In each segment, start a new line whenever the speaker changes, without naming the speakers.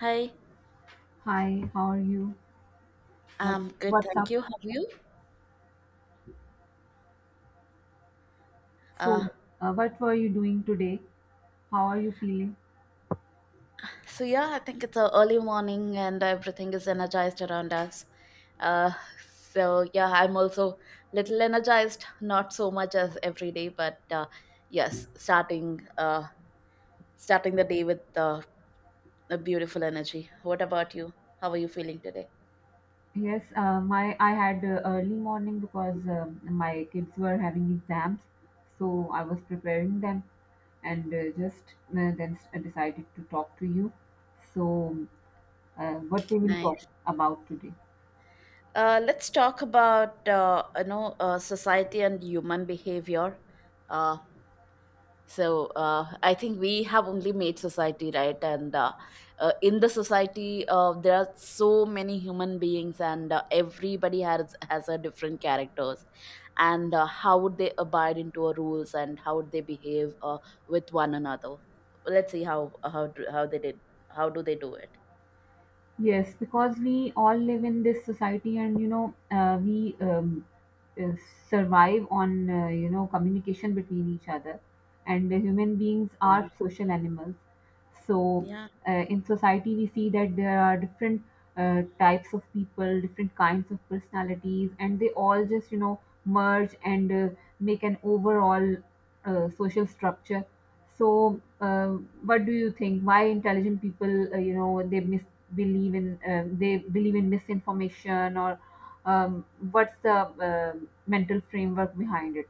Hi,
Hi, how are you? What
I'm good,
what's
thank
up?
you. How are you? Uh,
So, what were you doing today? How are you feeling?
so yeah, I think it's a early morning and everything is energized around us. Uh, so yeah, I'm also little energized, not so much as every day, but yes, starting the day with a beautiful energy. What about you? How are you feeling today?
Yes, my I had early morning because my kids were having exams, so I was preparing them, and decided to talk to you. So, what we will talk
Nice.
about today?
Let's talk about society and human behavior. Uh, I think we have only made society right and in the society there are so many human beings, and everybody has a different characters, and how would they abide into our rules and how would they behave with one another. Let's see how they did, how do they do it.
Yes, because we all live in this society, and we uh, survive on communication between each other, and the human beings
Yeah,
are social animals. So,
yeah.
uh, in society, we see that there are different types of people, different kinds of personalities, and they all just merge and make an overall social structure. So, what do you think? Why intelligent people, believe in they believe in misinformation, or um, what's the uh, mental framework behind it?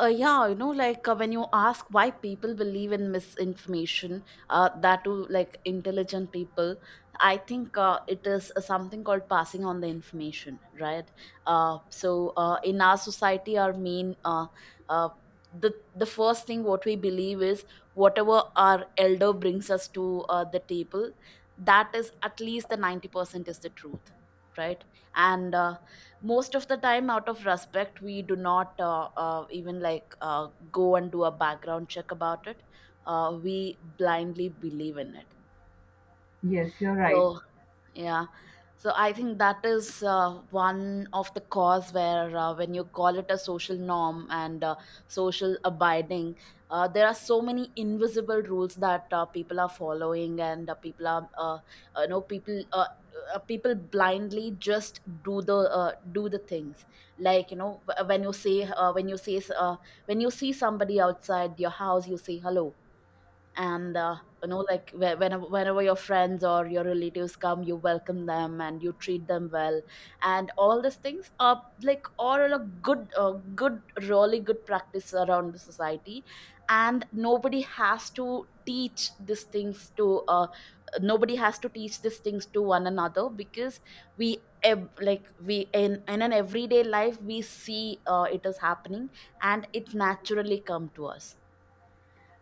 Yeah, you know, when you ask why people believe in misinformation, that too, like intelligent people, I think it is something called passing on the information, right? In our society, our main uh, the first thing what we believe is whatever our elder brings us to the table, that is at least the 90% is the truth, right? And most of the time out of respect we do not even go and do a background check about it. We blindly believe in it,
Yes, you're right.
so yeah. So I think that is one of the cause where when you call it a social norm, and social abiding, there are so many invisible rules that people are following, and people are you know people people blindly just do the things. Like, you know, wh- when you say s- when you see somebody outside your house you say hello, and you know, like, whenever your friends or your relatives come you welcome them and you treat them well, and all these things are like all a good good really good practice around the society. And nobody has to teach these things to nobody has to teach these things to one another, because we ev- like we in an everyday life we see it is happening and it naturally come to us.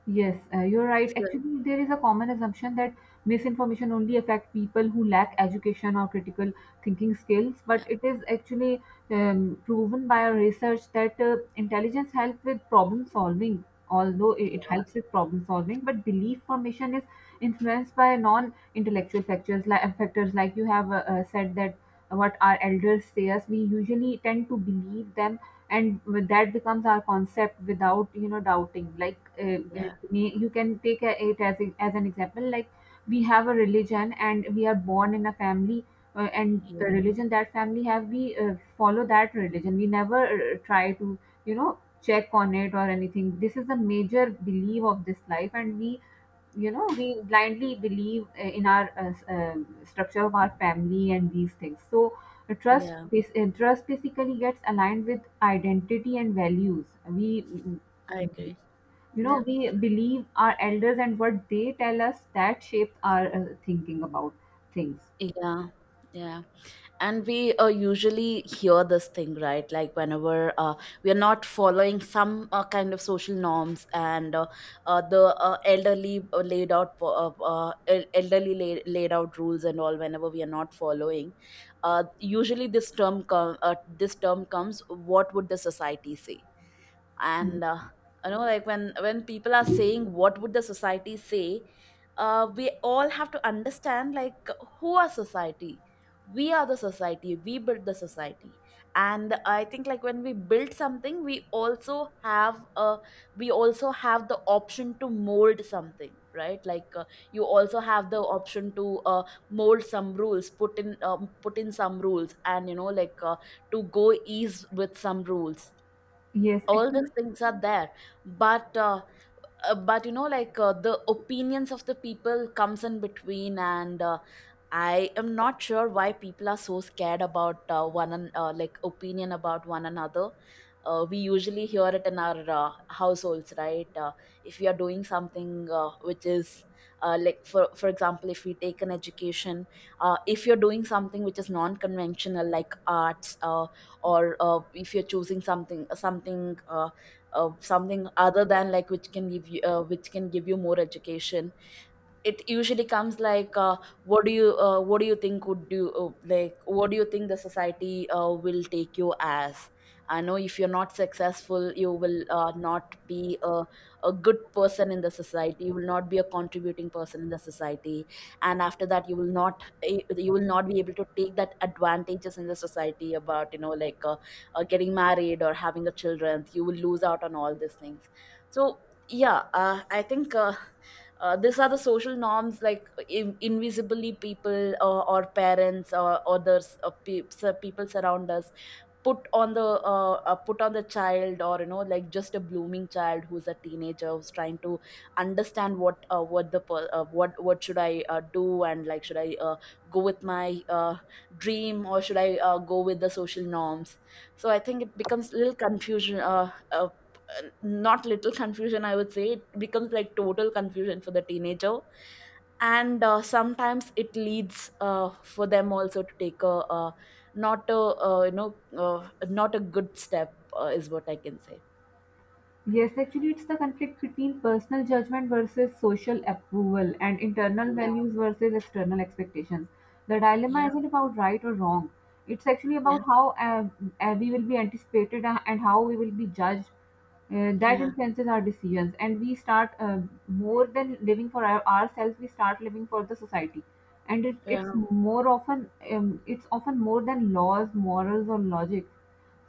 Yes, you're right.
So,
Actually, there is a common assumption that misinformation only affect people who lack education or critical thinking skills, but
yeah,
it is actually proven by our research that intelligence helps with problem solving. Although it
yeah,
it helps with problem solving, but belief formation is influenced by non-intellectual factors like you have said that what our elders say us, we usually tend to believe them, and that becomes our concept without doubting. Uh, uh,
yeah.
you can it as, as an example like we have a religion and we are born in a family, and the
Yeah,
religion that family have we follow that religion, we never try to check on it or anything. This is the major belief of this life, and we we blindly believe in our structure of our family and these things. So trust
yeah,
this trust basically gets aligned with identity and values. we
I agree.
you know
Yeah,
we believe our elders, and what they tell us that shapes our thinking about things.
yeah, yeah. And we usually hear this thing, right? Like, whenever we are not following some kind of social norms, and the elderly laid out po- el- elderly laid, laid out rules and all. Whenever we are not following, usually this term comes: what would the society say?
Mm.
And you know, like, when people are saying what would the society say, we all have to understand, like, who are society? We are the society, we build the society. And I think, like, when we build something, we also have a, we also have the option to mold something, right? Like, you also have the option to mold some rules, put in put in some rules, and you know, to go ease with some rules.
Yes,
All these
actually.
things are there. But but you know, the opinions of the people comes in between, and I am not sure why people are so scared about like opinion about one another. We usually hear it in our households, right? If we are doing something which is, like, for example, if we take an education, if you're doing something which is non-conventional, like arts, or if you're choosing something other than, like, which can give you which can give you more education, it usually comes like, what do you think would do, like what do you think the society will take you as? I know if you're not successful you will not be a good person in the society, you will not be a contributing person in the society. And after that you will not you will not be able to take that advantages in the society about, you know, getting married or having a children. You will lose out on all these things. So yeah, I think these are the social norms, like, invisibly, people or parents or others, people surround us, put on the, put on the child, or you know, like, just a blooming child who's a teenager, who's trying to understand what, what should I do, and like, should I go with my dream, or should I go with the social norms. So I think it becomes little confusion, uh, not little confusion, I would say it becomes like total confusion for the teenager. And sometimes it leads for them also to take a, not a, not a good step, is what I can say.
Yes, actually, it's the conflict between personal judgment versus social approval and internal
Yeah.
values versus external expectations. The dilemma
Yeah.
isn't about right or wrong. It's actually
Yeah.
about how we will be anticipated and how we will be judged. That
Yeah.
influences our decisions, and we start more than living for ourselves. We start living for the society, and it's
Yeah.
more often it's often more than laws, morals, or logic.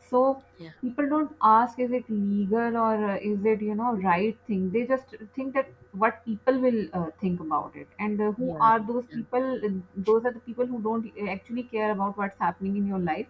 So
Yeah.
people don't ask is it legal or is it right thing. They just think that what people will think about it, and who
Yeah.
are those people. Those are the people who don't actually care about what's happening in your life.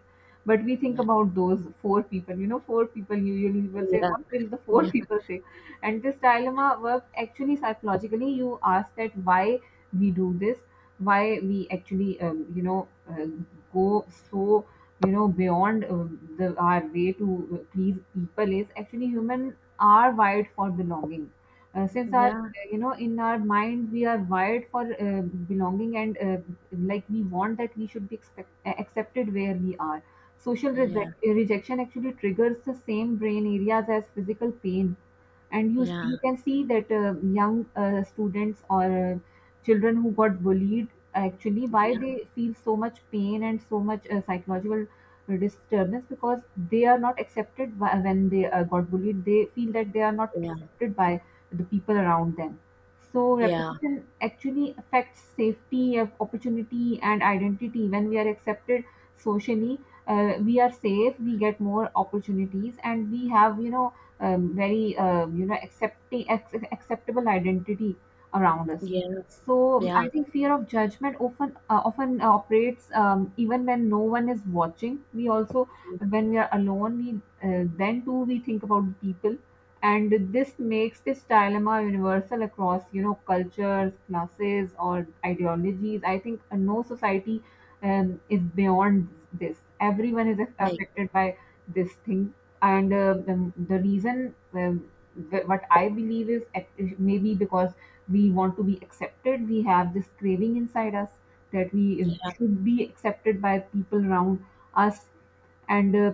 But we think
Yeah.
about those four people. You know, four people usually will say, "What will the four
Yeah.
people say?" And this dilemma works actually psychologically. You ask that why we do this, why we actually go, so beyond the our way to please people is actually human are wired for belonging, since our
Yeah. Yeah.
in our mind we are wired for uh, belonging. And like we want that we should be accepted where we are. Social rejection actually triggers the same brain areas as physical pain, and
Yeah. Yeah.
you can see that young students or uh, children who got bullied, actually why they feel so much pain and so much psychological disturbance, because they are not accepted by, when they got bullied they feel that they are not
Yeah.
accepted by the people around them. So
Yeah. Yeah.
repetition actually affects safety of opportunity and identity. When we are accepted socially, we are safe, we get more opportunities, and we have very accepting acceptable identity around us.
Yeah.
So
Yeah.
I think fear of judgment often operates even when no one is watching. We also, when we are alone, we then too we think about the people, and this makes this dilemma universal across cultures, classes, or ideologies. I think no society is beyond this. Everyone is
Like.
affected by this thing, and the reason what I believe is maybe because we want to be accepted, we have this craving inside us that we
Yeah.
should be accepted by people around us. And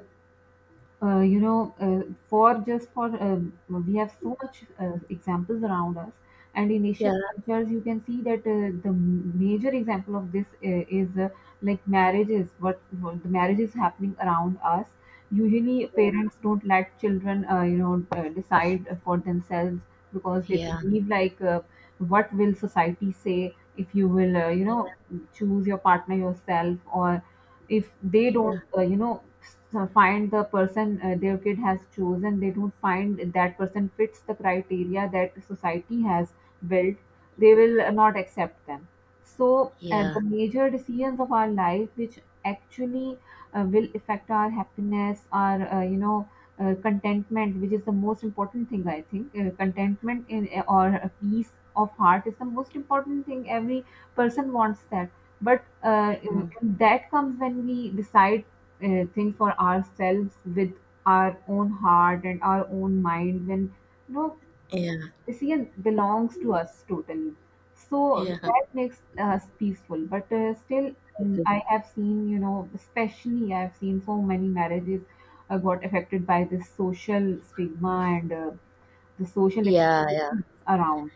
you know, for just for we have so much examples around us, and in Asian
Yeah.
cultures, you can see that the major example of this is like marriages. What the marriage is happening around us. Usually, parents don't let children, decide for themselves because they
Yeah.
believe what will society say if you will,
Yeah. Yeah. Yeah.
choose your partner yourself. Or if they don't
Yeah.
find the person, their kid has chosen, they don't find that person fits the criteria that society has built, they will not accept them. So
Yeah.
the major decisions of our life, which actually will affect our happiness, our contentment, which is the most important thing. I think contentment in or a peace of heart is the most important thing every person wants that. But in that comes when we decide things for ourselves with our own heart and our own mind. When you know the decision belongs to us totally, so
Yeah.
that makes us peaceful. But still, mm, I have seen especially I have seen so many marriages got affected by this social stigma and the social
Yeah. Yeah.
expectations around.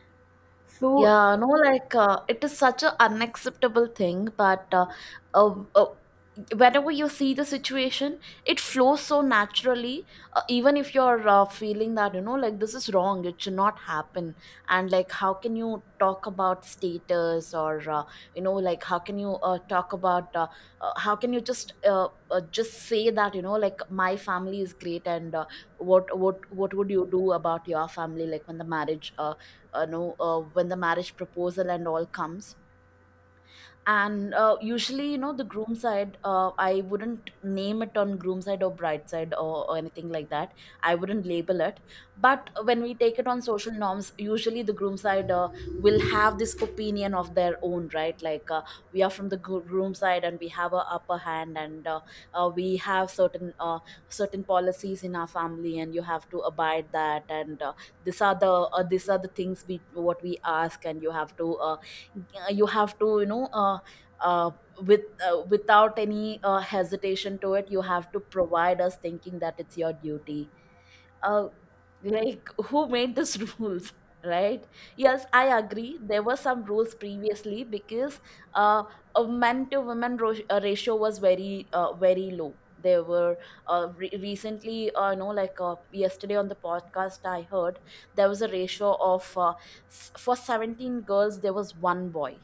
So
Yeah, no, it is such an unacceptable thing, but uh, uh, whenever you see the situation, it flows so naturally. Even if you're feeling that, you know, like, this is wrong, it should not happen. And like, how can you talk about status, or you know, like, how can you talk about, how can you just say that, you know, like, my family is great, and what would you do about your family, like when the marriage, know when the marriage proposal and all comes. And usually, you know, the groom side, I wouldn't name it on groom side or bride side, or anything like that, I wouldn't label it. But when we take it on social norms, usually the groom side will have this opinion of their own, right? Like, we are from the groom side and we have a upper hand, and we have certain certain policies in our family and you have to abide that, and these are the things we what we ask, and you have to you have to, you know, uh, without any hesitation to it, you have to provide us thinking that it's your duty. uh, like, who made these rules, right? Yes, I agree, there were some rules previously, because uh, a men to women ratio was very very low. There were, recently, you know, yesterday on the podcast I heard, there was a ratio of for 17 girls there was one boy.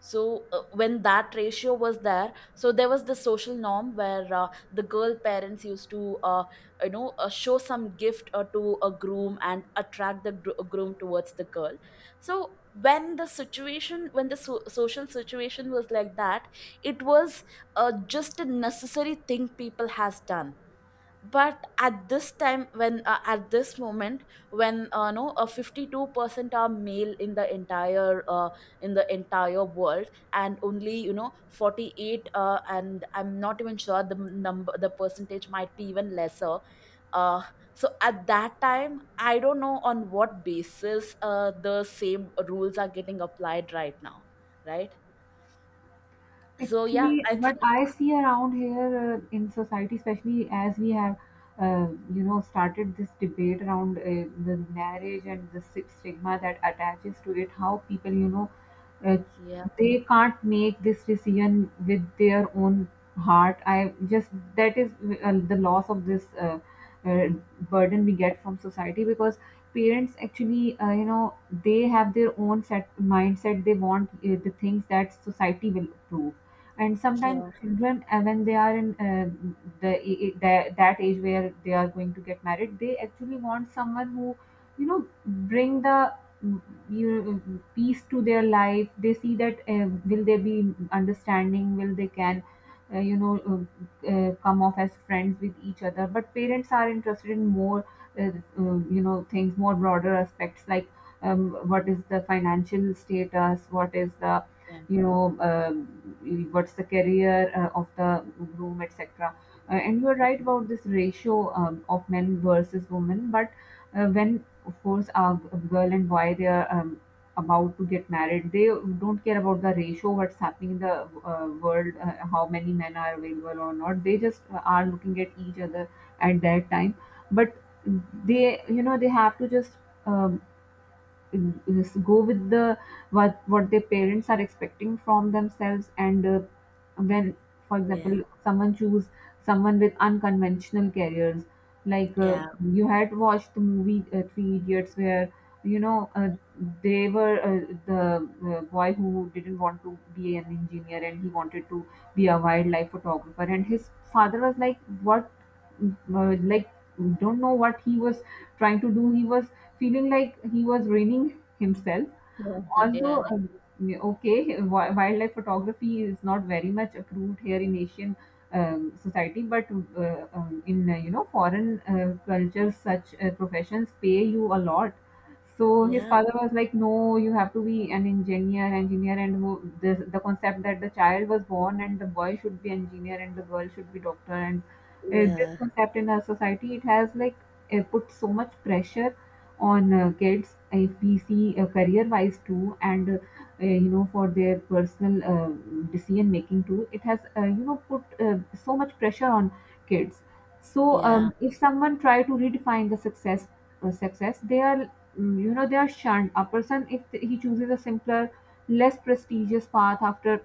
So when that ratio was there, so there was the social norm where the girl parents used to you know, show some gift to a groom, and attract the groom towards the girl. So when the situation, when the social situation was like that, it was just a necessary thing people has done. But at this time, when at this moment when no 52% are male in the entire world, and only, you know, 48, and I'm not even sure the number, the percentage might be even lesser. uh, so at that time I don't know on what basis the same rules are getting applied right now, right? So yeah,
actually,
I think.
what I see around here in society, especially as we have, uh, started this debate around the marriage and the stigma that attaches to it, how people, uh,
Yeah.
they can't make this decision with their own heart. I just that is the loss of this uh, burden we get from society, because parents actually, they have their own set mindset. They want the things that society will approve, and sometimes
Yeah.
children when they are in the that age where they are going to get married, they actually want someone who bring the mm, you know, mm, peace to their life. They see that will they be understanding, will they can come off as friends with each other. But parents are interested in more uh, things, more broader aspects like what is the financial status, what is the
Yeah.
you know uh, what's the career of the groom, etc. Uh, and you are right about this ratio of men versus women. But when of course a girl and boy they are about to get married, they don't care about the ratio what's happening in the world, how many men are available or not, they just are looking at each other at that time. But they they have to just um, is go with the what their parents are expecting from themselves. And when, for
Yeah.
example, someone choose someone with unconventional careers, like
Yeah.
you had watched the movie Three Idiots, where you know they were the boy who didn't want to be an engineer and he wanted to be a wildlife photographer, and his father was like what uh, like don't know what he was trying to do, he was feeling like he was raining himself.
Yeah.
Although,
Yeah.
yeah, okay, wildlife photography is not very much approved here in Asian society, but in foreign cultures, such professions pay you a lot. So his
Yeah.
father was like, "No, you have to be an engineer, engineer." And who- the concept that the child was born and the boy should be engineer and the girl should be doctor, and this
Yeah.
concept in our society it has like put so much pressure on kids if we see career wise too. And for their personal decision making too, it has put so much pressure on kids. So
Yeah,
if someone try to redefine the success, they are mm, they are shunned. A person if he chooses a simpler, less prestigious path after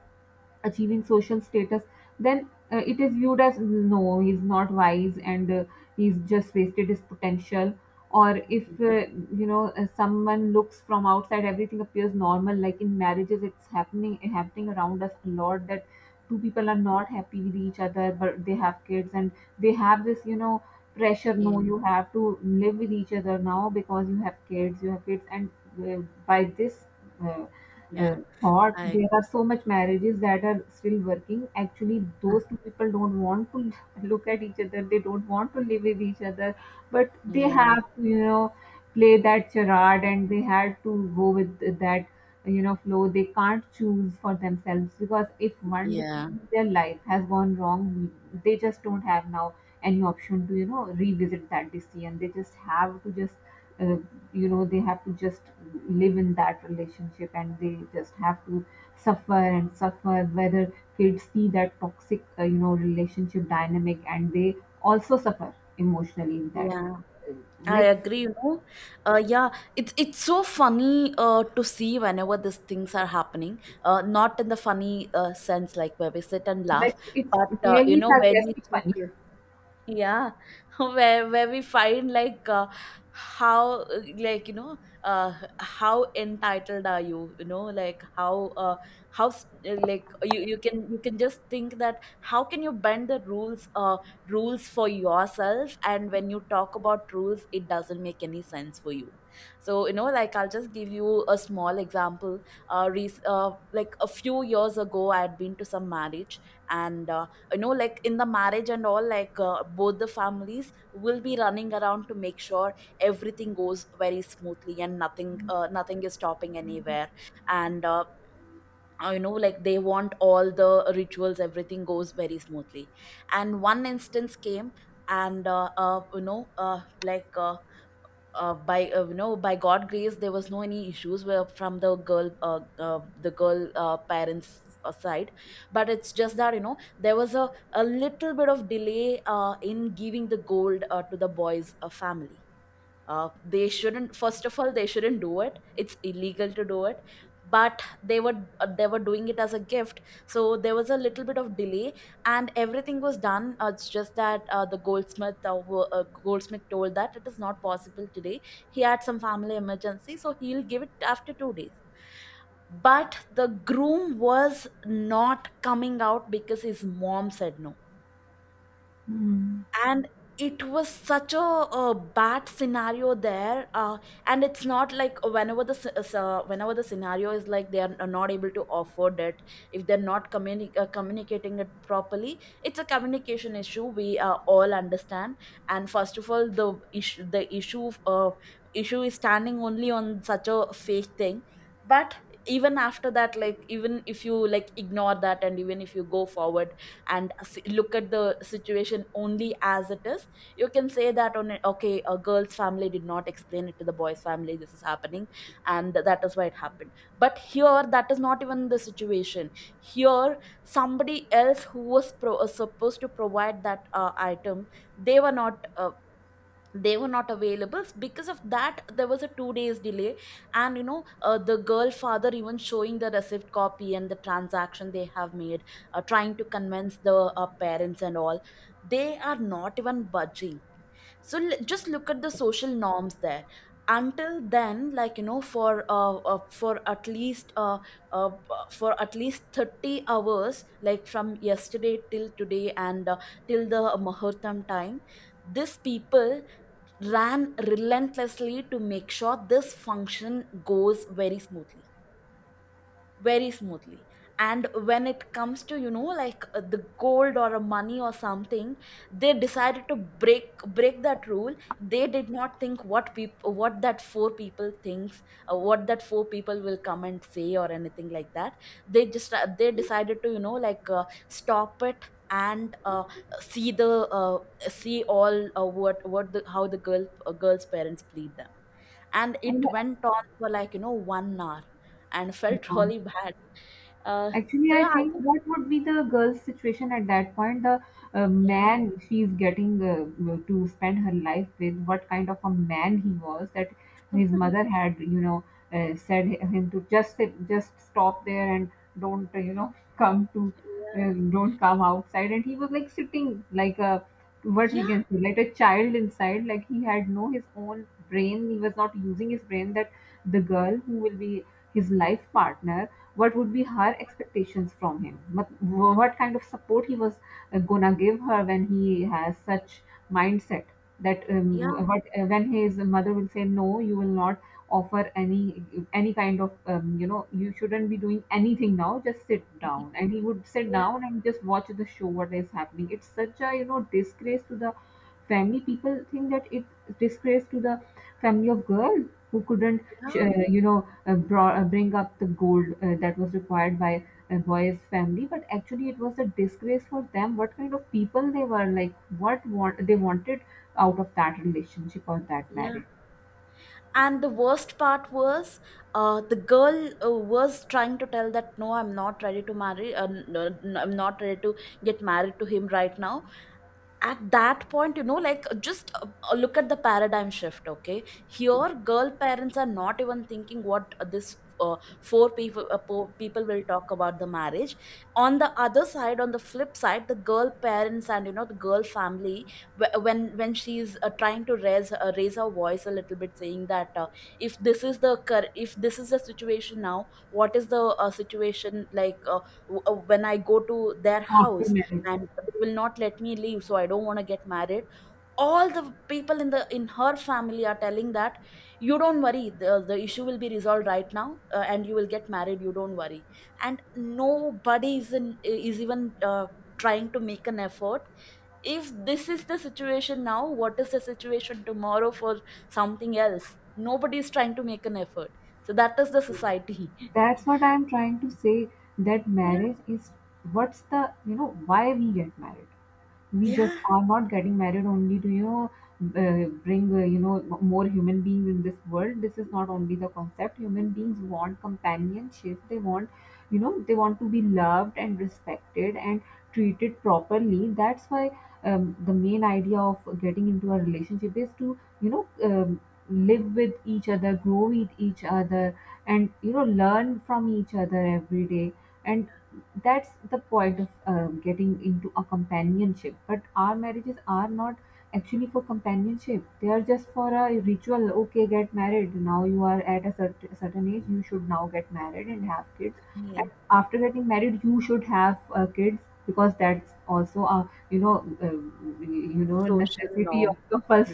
achieving social status, then it is viewed as no, he's not wise, and he's just wasted his potential. Or if someone looks from outside, everything appears normal. Like in marriages, it's happening around us a lot that two people are not happy with each other, but they have kids and they have this pressure.
yeah,
No, you have to live with each other now because you have kids. You have kids, and uh, by this. Uh,
yeah.
Thought
I,
there are so much marriages that are still working actually those two people don't want to look at each other, they don't want to live with each other, but they
yeah,
have to play that charade and they had to go with that flow. They can't choose for themselves because if one
yeah,
decision in their life has gone wrong, they just don't have now any option to revisit that decision. They just have to just uh, they have to just live in that relationship and they just have to suffer and suffer whether kids see that toxic relationship dynamic and they also suffer emotionally in that.
yeah. I
like
agree. You know, yeah. It's so funny to see whenever these things are happening. Not in the funny sense, like where we sit and laugh,
like it's
but you
really
know, when we
sarcastic
talk.
funny.
yeah where we find like how how entitled are you you know like how How like you can, you can just think that how can you bend the rules for yourself? And when you talk about rules, it doesn't make any sense for you. So you know, like, I'll just give you a small example. Like a few years ago, I had been to some marriage, and you know, like in the marriage and all, like both the families will be running around to make sure everything goes very smoothly and nothing is stopping anywhere. And they want all the rituals, everything goes very smoothly. And one instance came, and you know like by you know by god grace there was no any issues where from the girl parents side. But it's just that, you know, there was a little bit of delay in giving the gold to the boys family. They shouldn't, first of all they shouldn't do it, it's illegal to do it, but they were doing it as a gift. So there was a little bit of delay, and everything was done. It's just that the goldsmith told that it is not possible today. He had some family emergency, so he'll give it after 2 days. But the groom was not coming out because his mom said no.
Hmm.
And it was such a, uh, bad scenario there. And it's not like whenever the scenario is like they are not able to afford it. If they're not communicating it properly, it's a communication issue, we all understand. And first of all, the issue is standing only on such a fake thing. But even after that, like, even if you like ignore that and even if you go forward and look at the situation only as it is, you can say that okay, a girl's family did not explain it to the boy's family this is happening, and that is why it happened. But here that is not even the situation. Here somebody else who was supposed to provide that item, they were not uh, they were not available, because of that there was a 2 days delay. And you know, the girl father even showing the receipt copy and the transaction they have made, trying to convince the parents and all, they are not even budging. So just look at the social norms there. Until then, like, you know, uh for at least 30 hours, like from yesterday till today, and till the muhurtam time, these people ran relentlessly to make sure this function goes very smoothly, very smoothly. And when it comes to, you know, like, the gold or a money or something, they decided to break that rule. They did not think what that four people thinks, what that four people will come and say or anything like that. They decided to, you know, like, stop it, and see the see all what the how the girl's parents plead them. And
and
it went on for like, you know, 1 hour and felt
uh,
really bad. uh,
Actually,
so
I
yeah, I
think
think
what would be the girl's situation at that point? The
yeah,
man she's getting to spend her life with, what kind of a man he was that his mother had, you know, said him to just sit, just stop there and don't, you know, come to,
yeah,
don't come outside. And he was like sitting like a, what we
yeah,
can say, like a child inside. Like he had no his own brain. He was not using his brain. That the girl who will be his life partner, what would be her expectations from him? But what kind of support he was gonna give her when he has such mindset, that
yeah,
what when his mother will say no, you will not offer any kind of you know, you shouldn't be doing anything now, just sit down, and he would sit
yeah,
down and just watch the show what is happening. It's such a, you know, disgrace to the family, people think that. It disgrace to the family of girl who couldn't
yeah,
you know, brought, bring up the gold that was required by a boy's family, but actually it was a disgrace for them. What kind of people they were, like what want they wanted out of that relationship or that
yeah.
marriage
And the worst part was, the girl was trying to tell that, no, I'm not ready to marry. No, no, I'm not ready to get married to him right now. At that point, you know, like, just look at the paradigm shift. Okay, here girl parents are not even thinking what this four people will talk about the marriage. On the other side, on the flip side, the girl parents, and you know the girl family, when she's trying to raise her voice a little bit saying that, if this is the if this is the situation now, what is the situation, like, when I go to their
after
house
marriage.
and they will not let me leave, so I don't want to get married. All the people in the in her family are telling that, you don't worry, the issue will be resolved right now, and you will get married, you don't worry. And nobody is even trying to make an effort. If this is the situation now, what is the situation tomorrow for something else? Nobody is trying to make an effort. So that is the society.
That's what I'm trying to say, that
Yeah,
marriage is, what's the, you know, why we get married? We just
yeah,
are not getting married only to, you know, bring, you know, m- more human beings in this world. This is not only the concept. Human beings want companionship, they want, you know, they want to be loved and respected and treated properly. That's why, the main idea of getting into a relationship is to, you know, live with each other, grow with each other, and you know, learn from each other every day. And that's the point of getting into a companionship. But our marriages are not actually for companionship, they are just for a ritual. Okay, get married now, you are at a certain age, you should now get married and have kids.
yeah,
And after getting married you should have kids, because that's also a, you know, uh, you know,
social
necessity or
norm.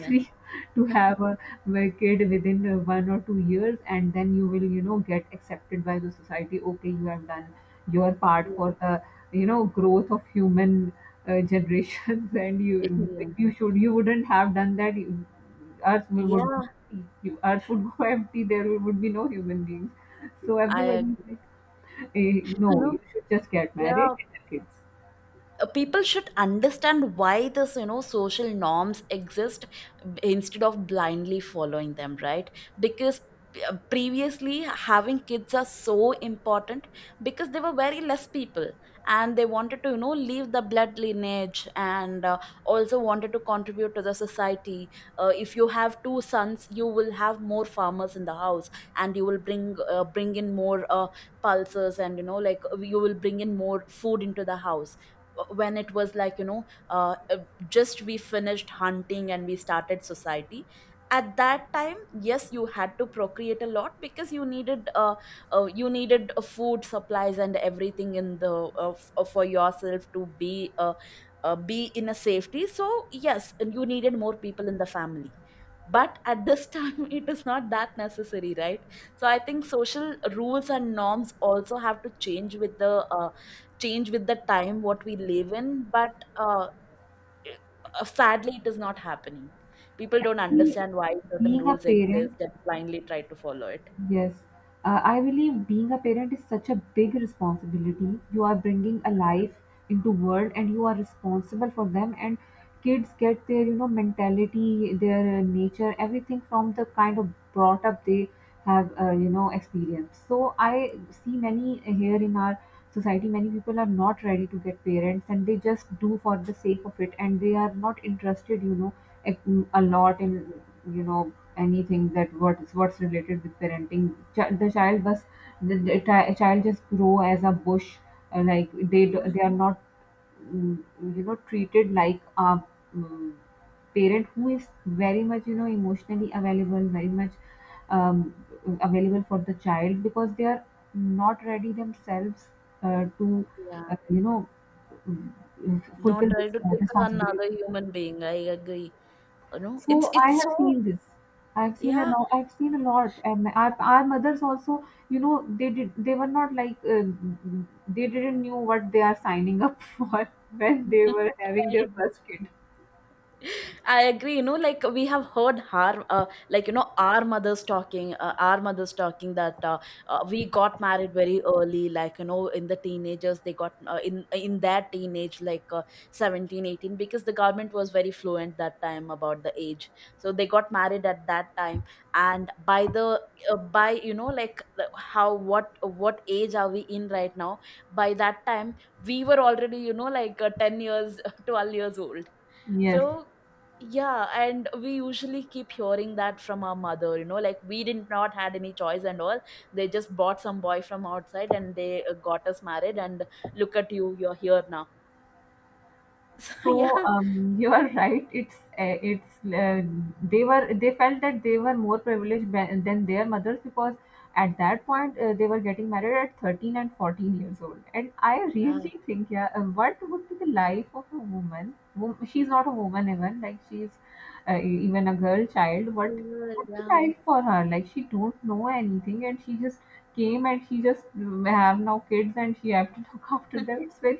Yeah,
to have a work it within 1 or 2 years. And then you will, you know, get accepted by the society. Okay, you have done your part
yeah,
for the, you know, growth of human generations and you,
yeah.
if you should, you wouldn't have done that, you- earth will- would
Yeah,
go empty. You- earth would go empty, there would be no human beings. So
I
everybody is
agree.
like, eh,
You
no,
know,
you should just get married
yeah,
and have kids.
people should understand why this, you know, social norms exist, instead of blindly following them, right? Because previously, having kids are so important because there were very less people, and they wanted to, you know, leave the blood lineage, and also wanted to contribute to the society. If you have two sons, you will have more farmers in the house, and you will bring in more pulses, and you know, like, you will bring in more food into the house. When it was like, you know, uh, uh, just we finished hunting and we started society. At that time, yes, you had to procreate a lot because you needed food supplies and everything in the for yourself to be in a safety. So yes, and you needed more people in the family. But at this time, it is not that necessary, right? So I think social rules and norms also have to change with the time what we live in. But sadly it is not happening. People don't
Actually
understand why certain
being a
rules
parent.
exist and blindly try to follow it.
Yes. I believe being a parent is such a big responsibility. You are bringing a life into world and you are responsible for them, and kids get their, you know, mentality, their nature, everything from the kind of brought up they have, you know, experienced. So I see many here in our society many people are not ready to get parents and they just do for the sake of it, and they are not interested, you know, a a lot in, you know, anything that what is what's related with parenting. The child was the child just grow as a bush. Like they do,
Yeah,
they are not mm, you know, treated like a mm, parent who is very much, you know, emotionally available, very much um, available for the child because they are not ready themselves to
yeah,
you know, mm,
not
fulfill
try
this
to take
responsibility.
another human being, I agree. You know, it's
So I
it's
have
so
seen this. I've seen a
yeah
lot. I've seen a lot. And my- our mothers also, you know, they did. They were not like they didn't knew what they are signing up for when they were having
I
their
agree.
first kid.
I agree. You know, like, we have heard our, like you know, our mothers talking that we got married very early. Like you know, in the teenagers, they got in their teenage, like 17, 18, because the government was very fluent that time about the age. So they got married at that time, and by the by, you know, like, the- how, what age are we in right now? By that time, we were already, you know, like 10 years, 12 years old.
Yes.
So, yeah, and we usually keep hearing that from our mother, you know, like, we did not had any choice and all. They just bought some boy from outside and they got us married and look at you, you're here now. So,
So
yeah.
you are right. It's they were, they felt that they were more privileged ba- than their mothers because at that point they were getting married at 13 and 14 years old. And I
Yeah,
really think, yeah, what would be the life of a woman? Wom- she's not a woman even, like she's e- even a girl child. What
cool.
would be
Yeah.
life for her? Like she don't know anything and she just came and she just have now kids and she have to look after them. It's very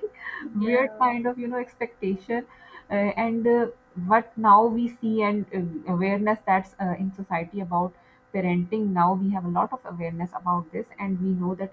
weird
Yeah.
kind of, you know, expectation. uh, and what now we see, and awareness that's in society about parenting. Now we have a lot of awareness about this and we know that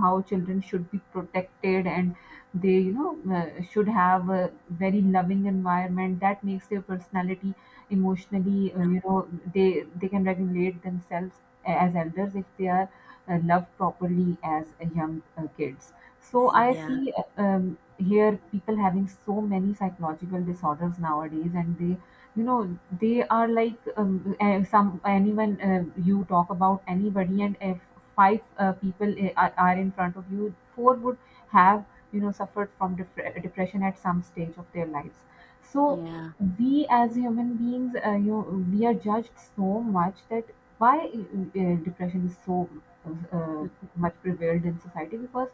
how children should be protected, and they, you know, should have a very loving environment that makes their personality emotionally,
Yeah.
you know, they can regulate themselves as elders if they are loved properly as young kids. So I
Yeah.
see, hear people having so many psychological disorders nowadays, and they, you know, they are like, some anyone you talk about anybody, and if five people are in front of you, four would have, you know, suffered from depression at some stage of their lives. So
Yeah.
we as human beings, you know, we are judged so much that why depression is so uh, much prevalent in society, because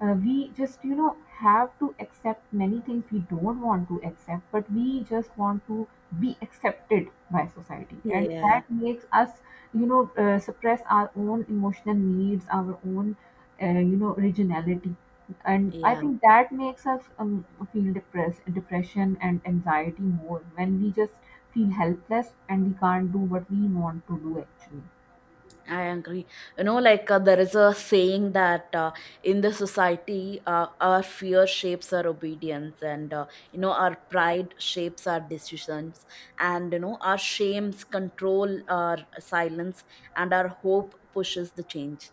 we just, you know, have to accept many things we don't want to accept, but we just want to be accepted by society, and
Yeah.
that makes us, you know, suppress our own emotional needs, our own, you know, originality. And I
Yeah.
think that makes us feel depressed, depression and anxiety more when we just feel helpless and we can't do what we want to do actually.
I agree. You know, like there is a saying that in the society, our fear shapes our obedience, and you know, our pride shapes our decisions, and you know, our shames control our silence, and our hope pushes the change.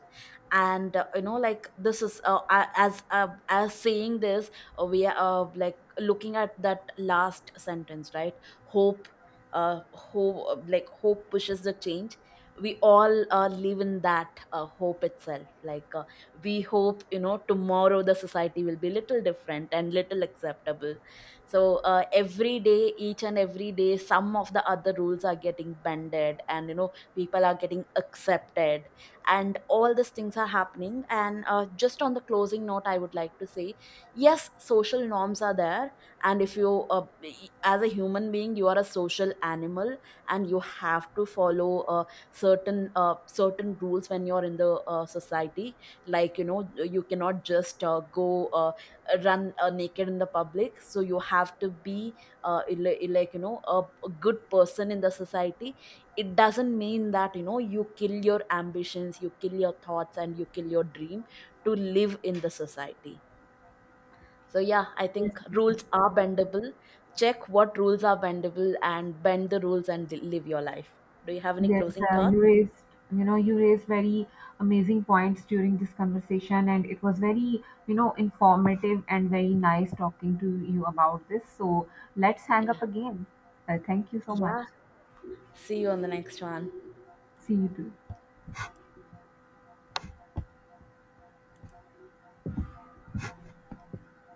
And you know, like, this is as saying this, we are like looking at that last sentence, right? Hope. Like, hope pushes the change. We all live in that hope itself, like, we hope, you know, tomorrow the society will be little different and little acceptable. So every day, each and every day, some of the other rules are getting bended, and you know, people are getting accepted, and all these things are happening. And just on the closing note, I would like to say, yes, social norms are there, and if you as a human being, you are a social animal, and you have to follow certain rules when you're in the society. Like, you know, you cannot just go run naked in the public, so you have to be like you know, a good person in the society. It doesn't mean that, you know, you kill your ambitions, you kill your thoughts, and you kill your dream to live in the society. So yeah, I
Yes.
think rules are bendable. Check what rules are bendable and bend the rules and live your life. Do you have any
Yes,
closing thoughts?
you raised, you know, you raised very amazing points during this conversation, and it was very, you know, informative and very nice talking to you about this. So let's hang
Yeah.
up again. Thank you so much.
Yeah, see you on the next one.
See you too.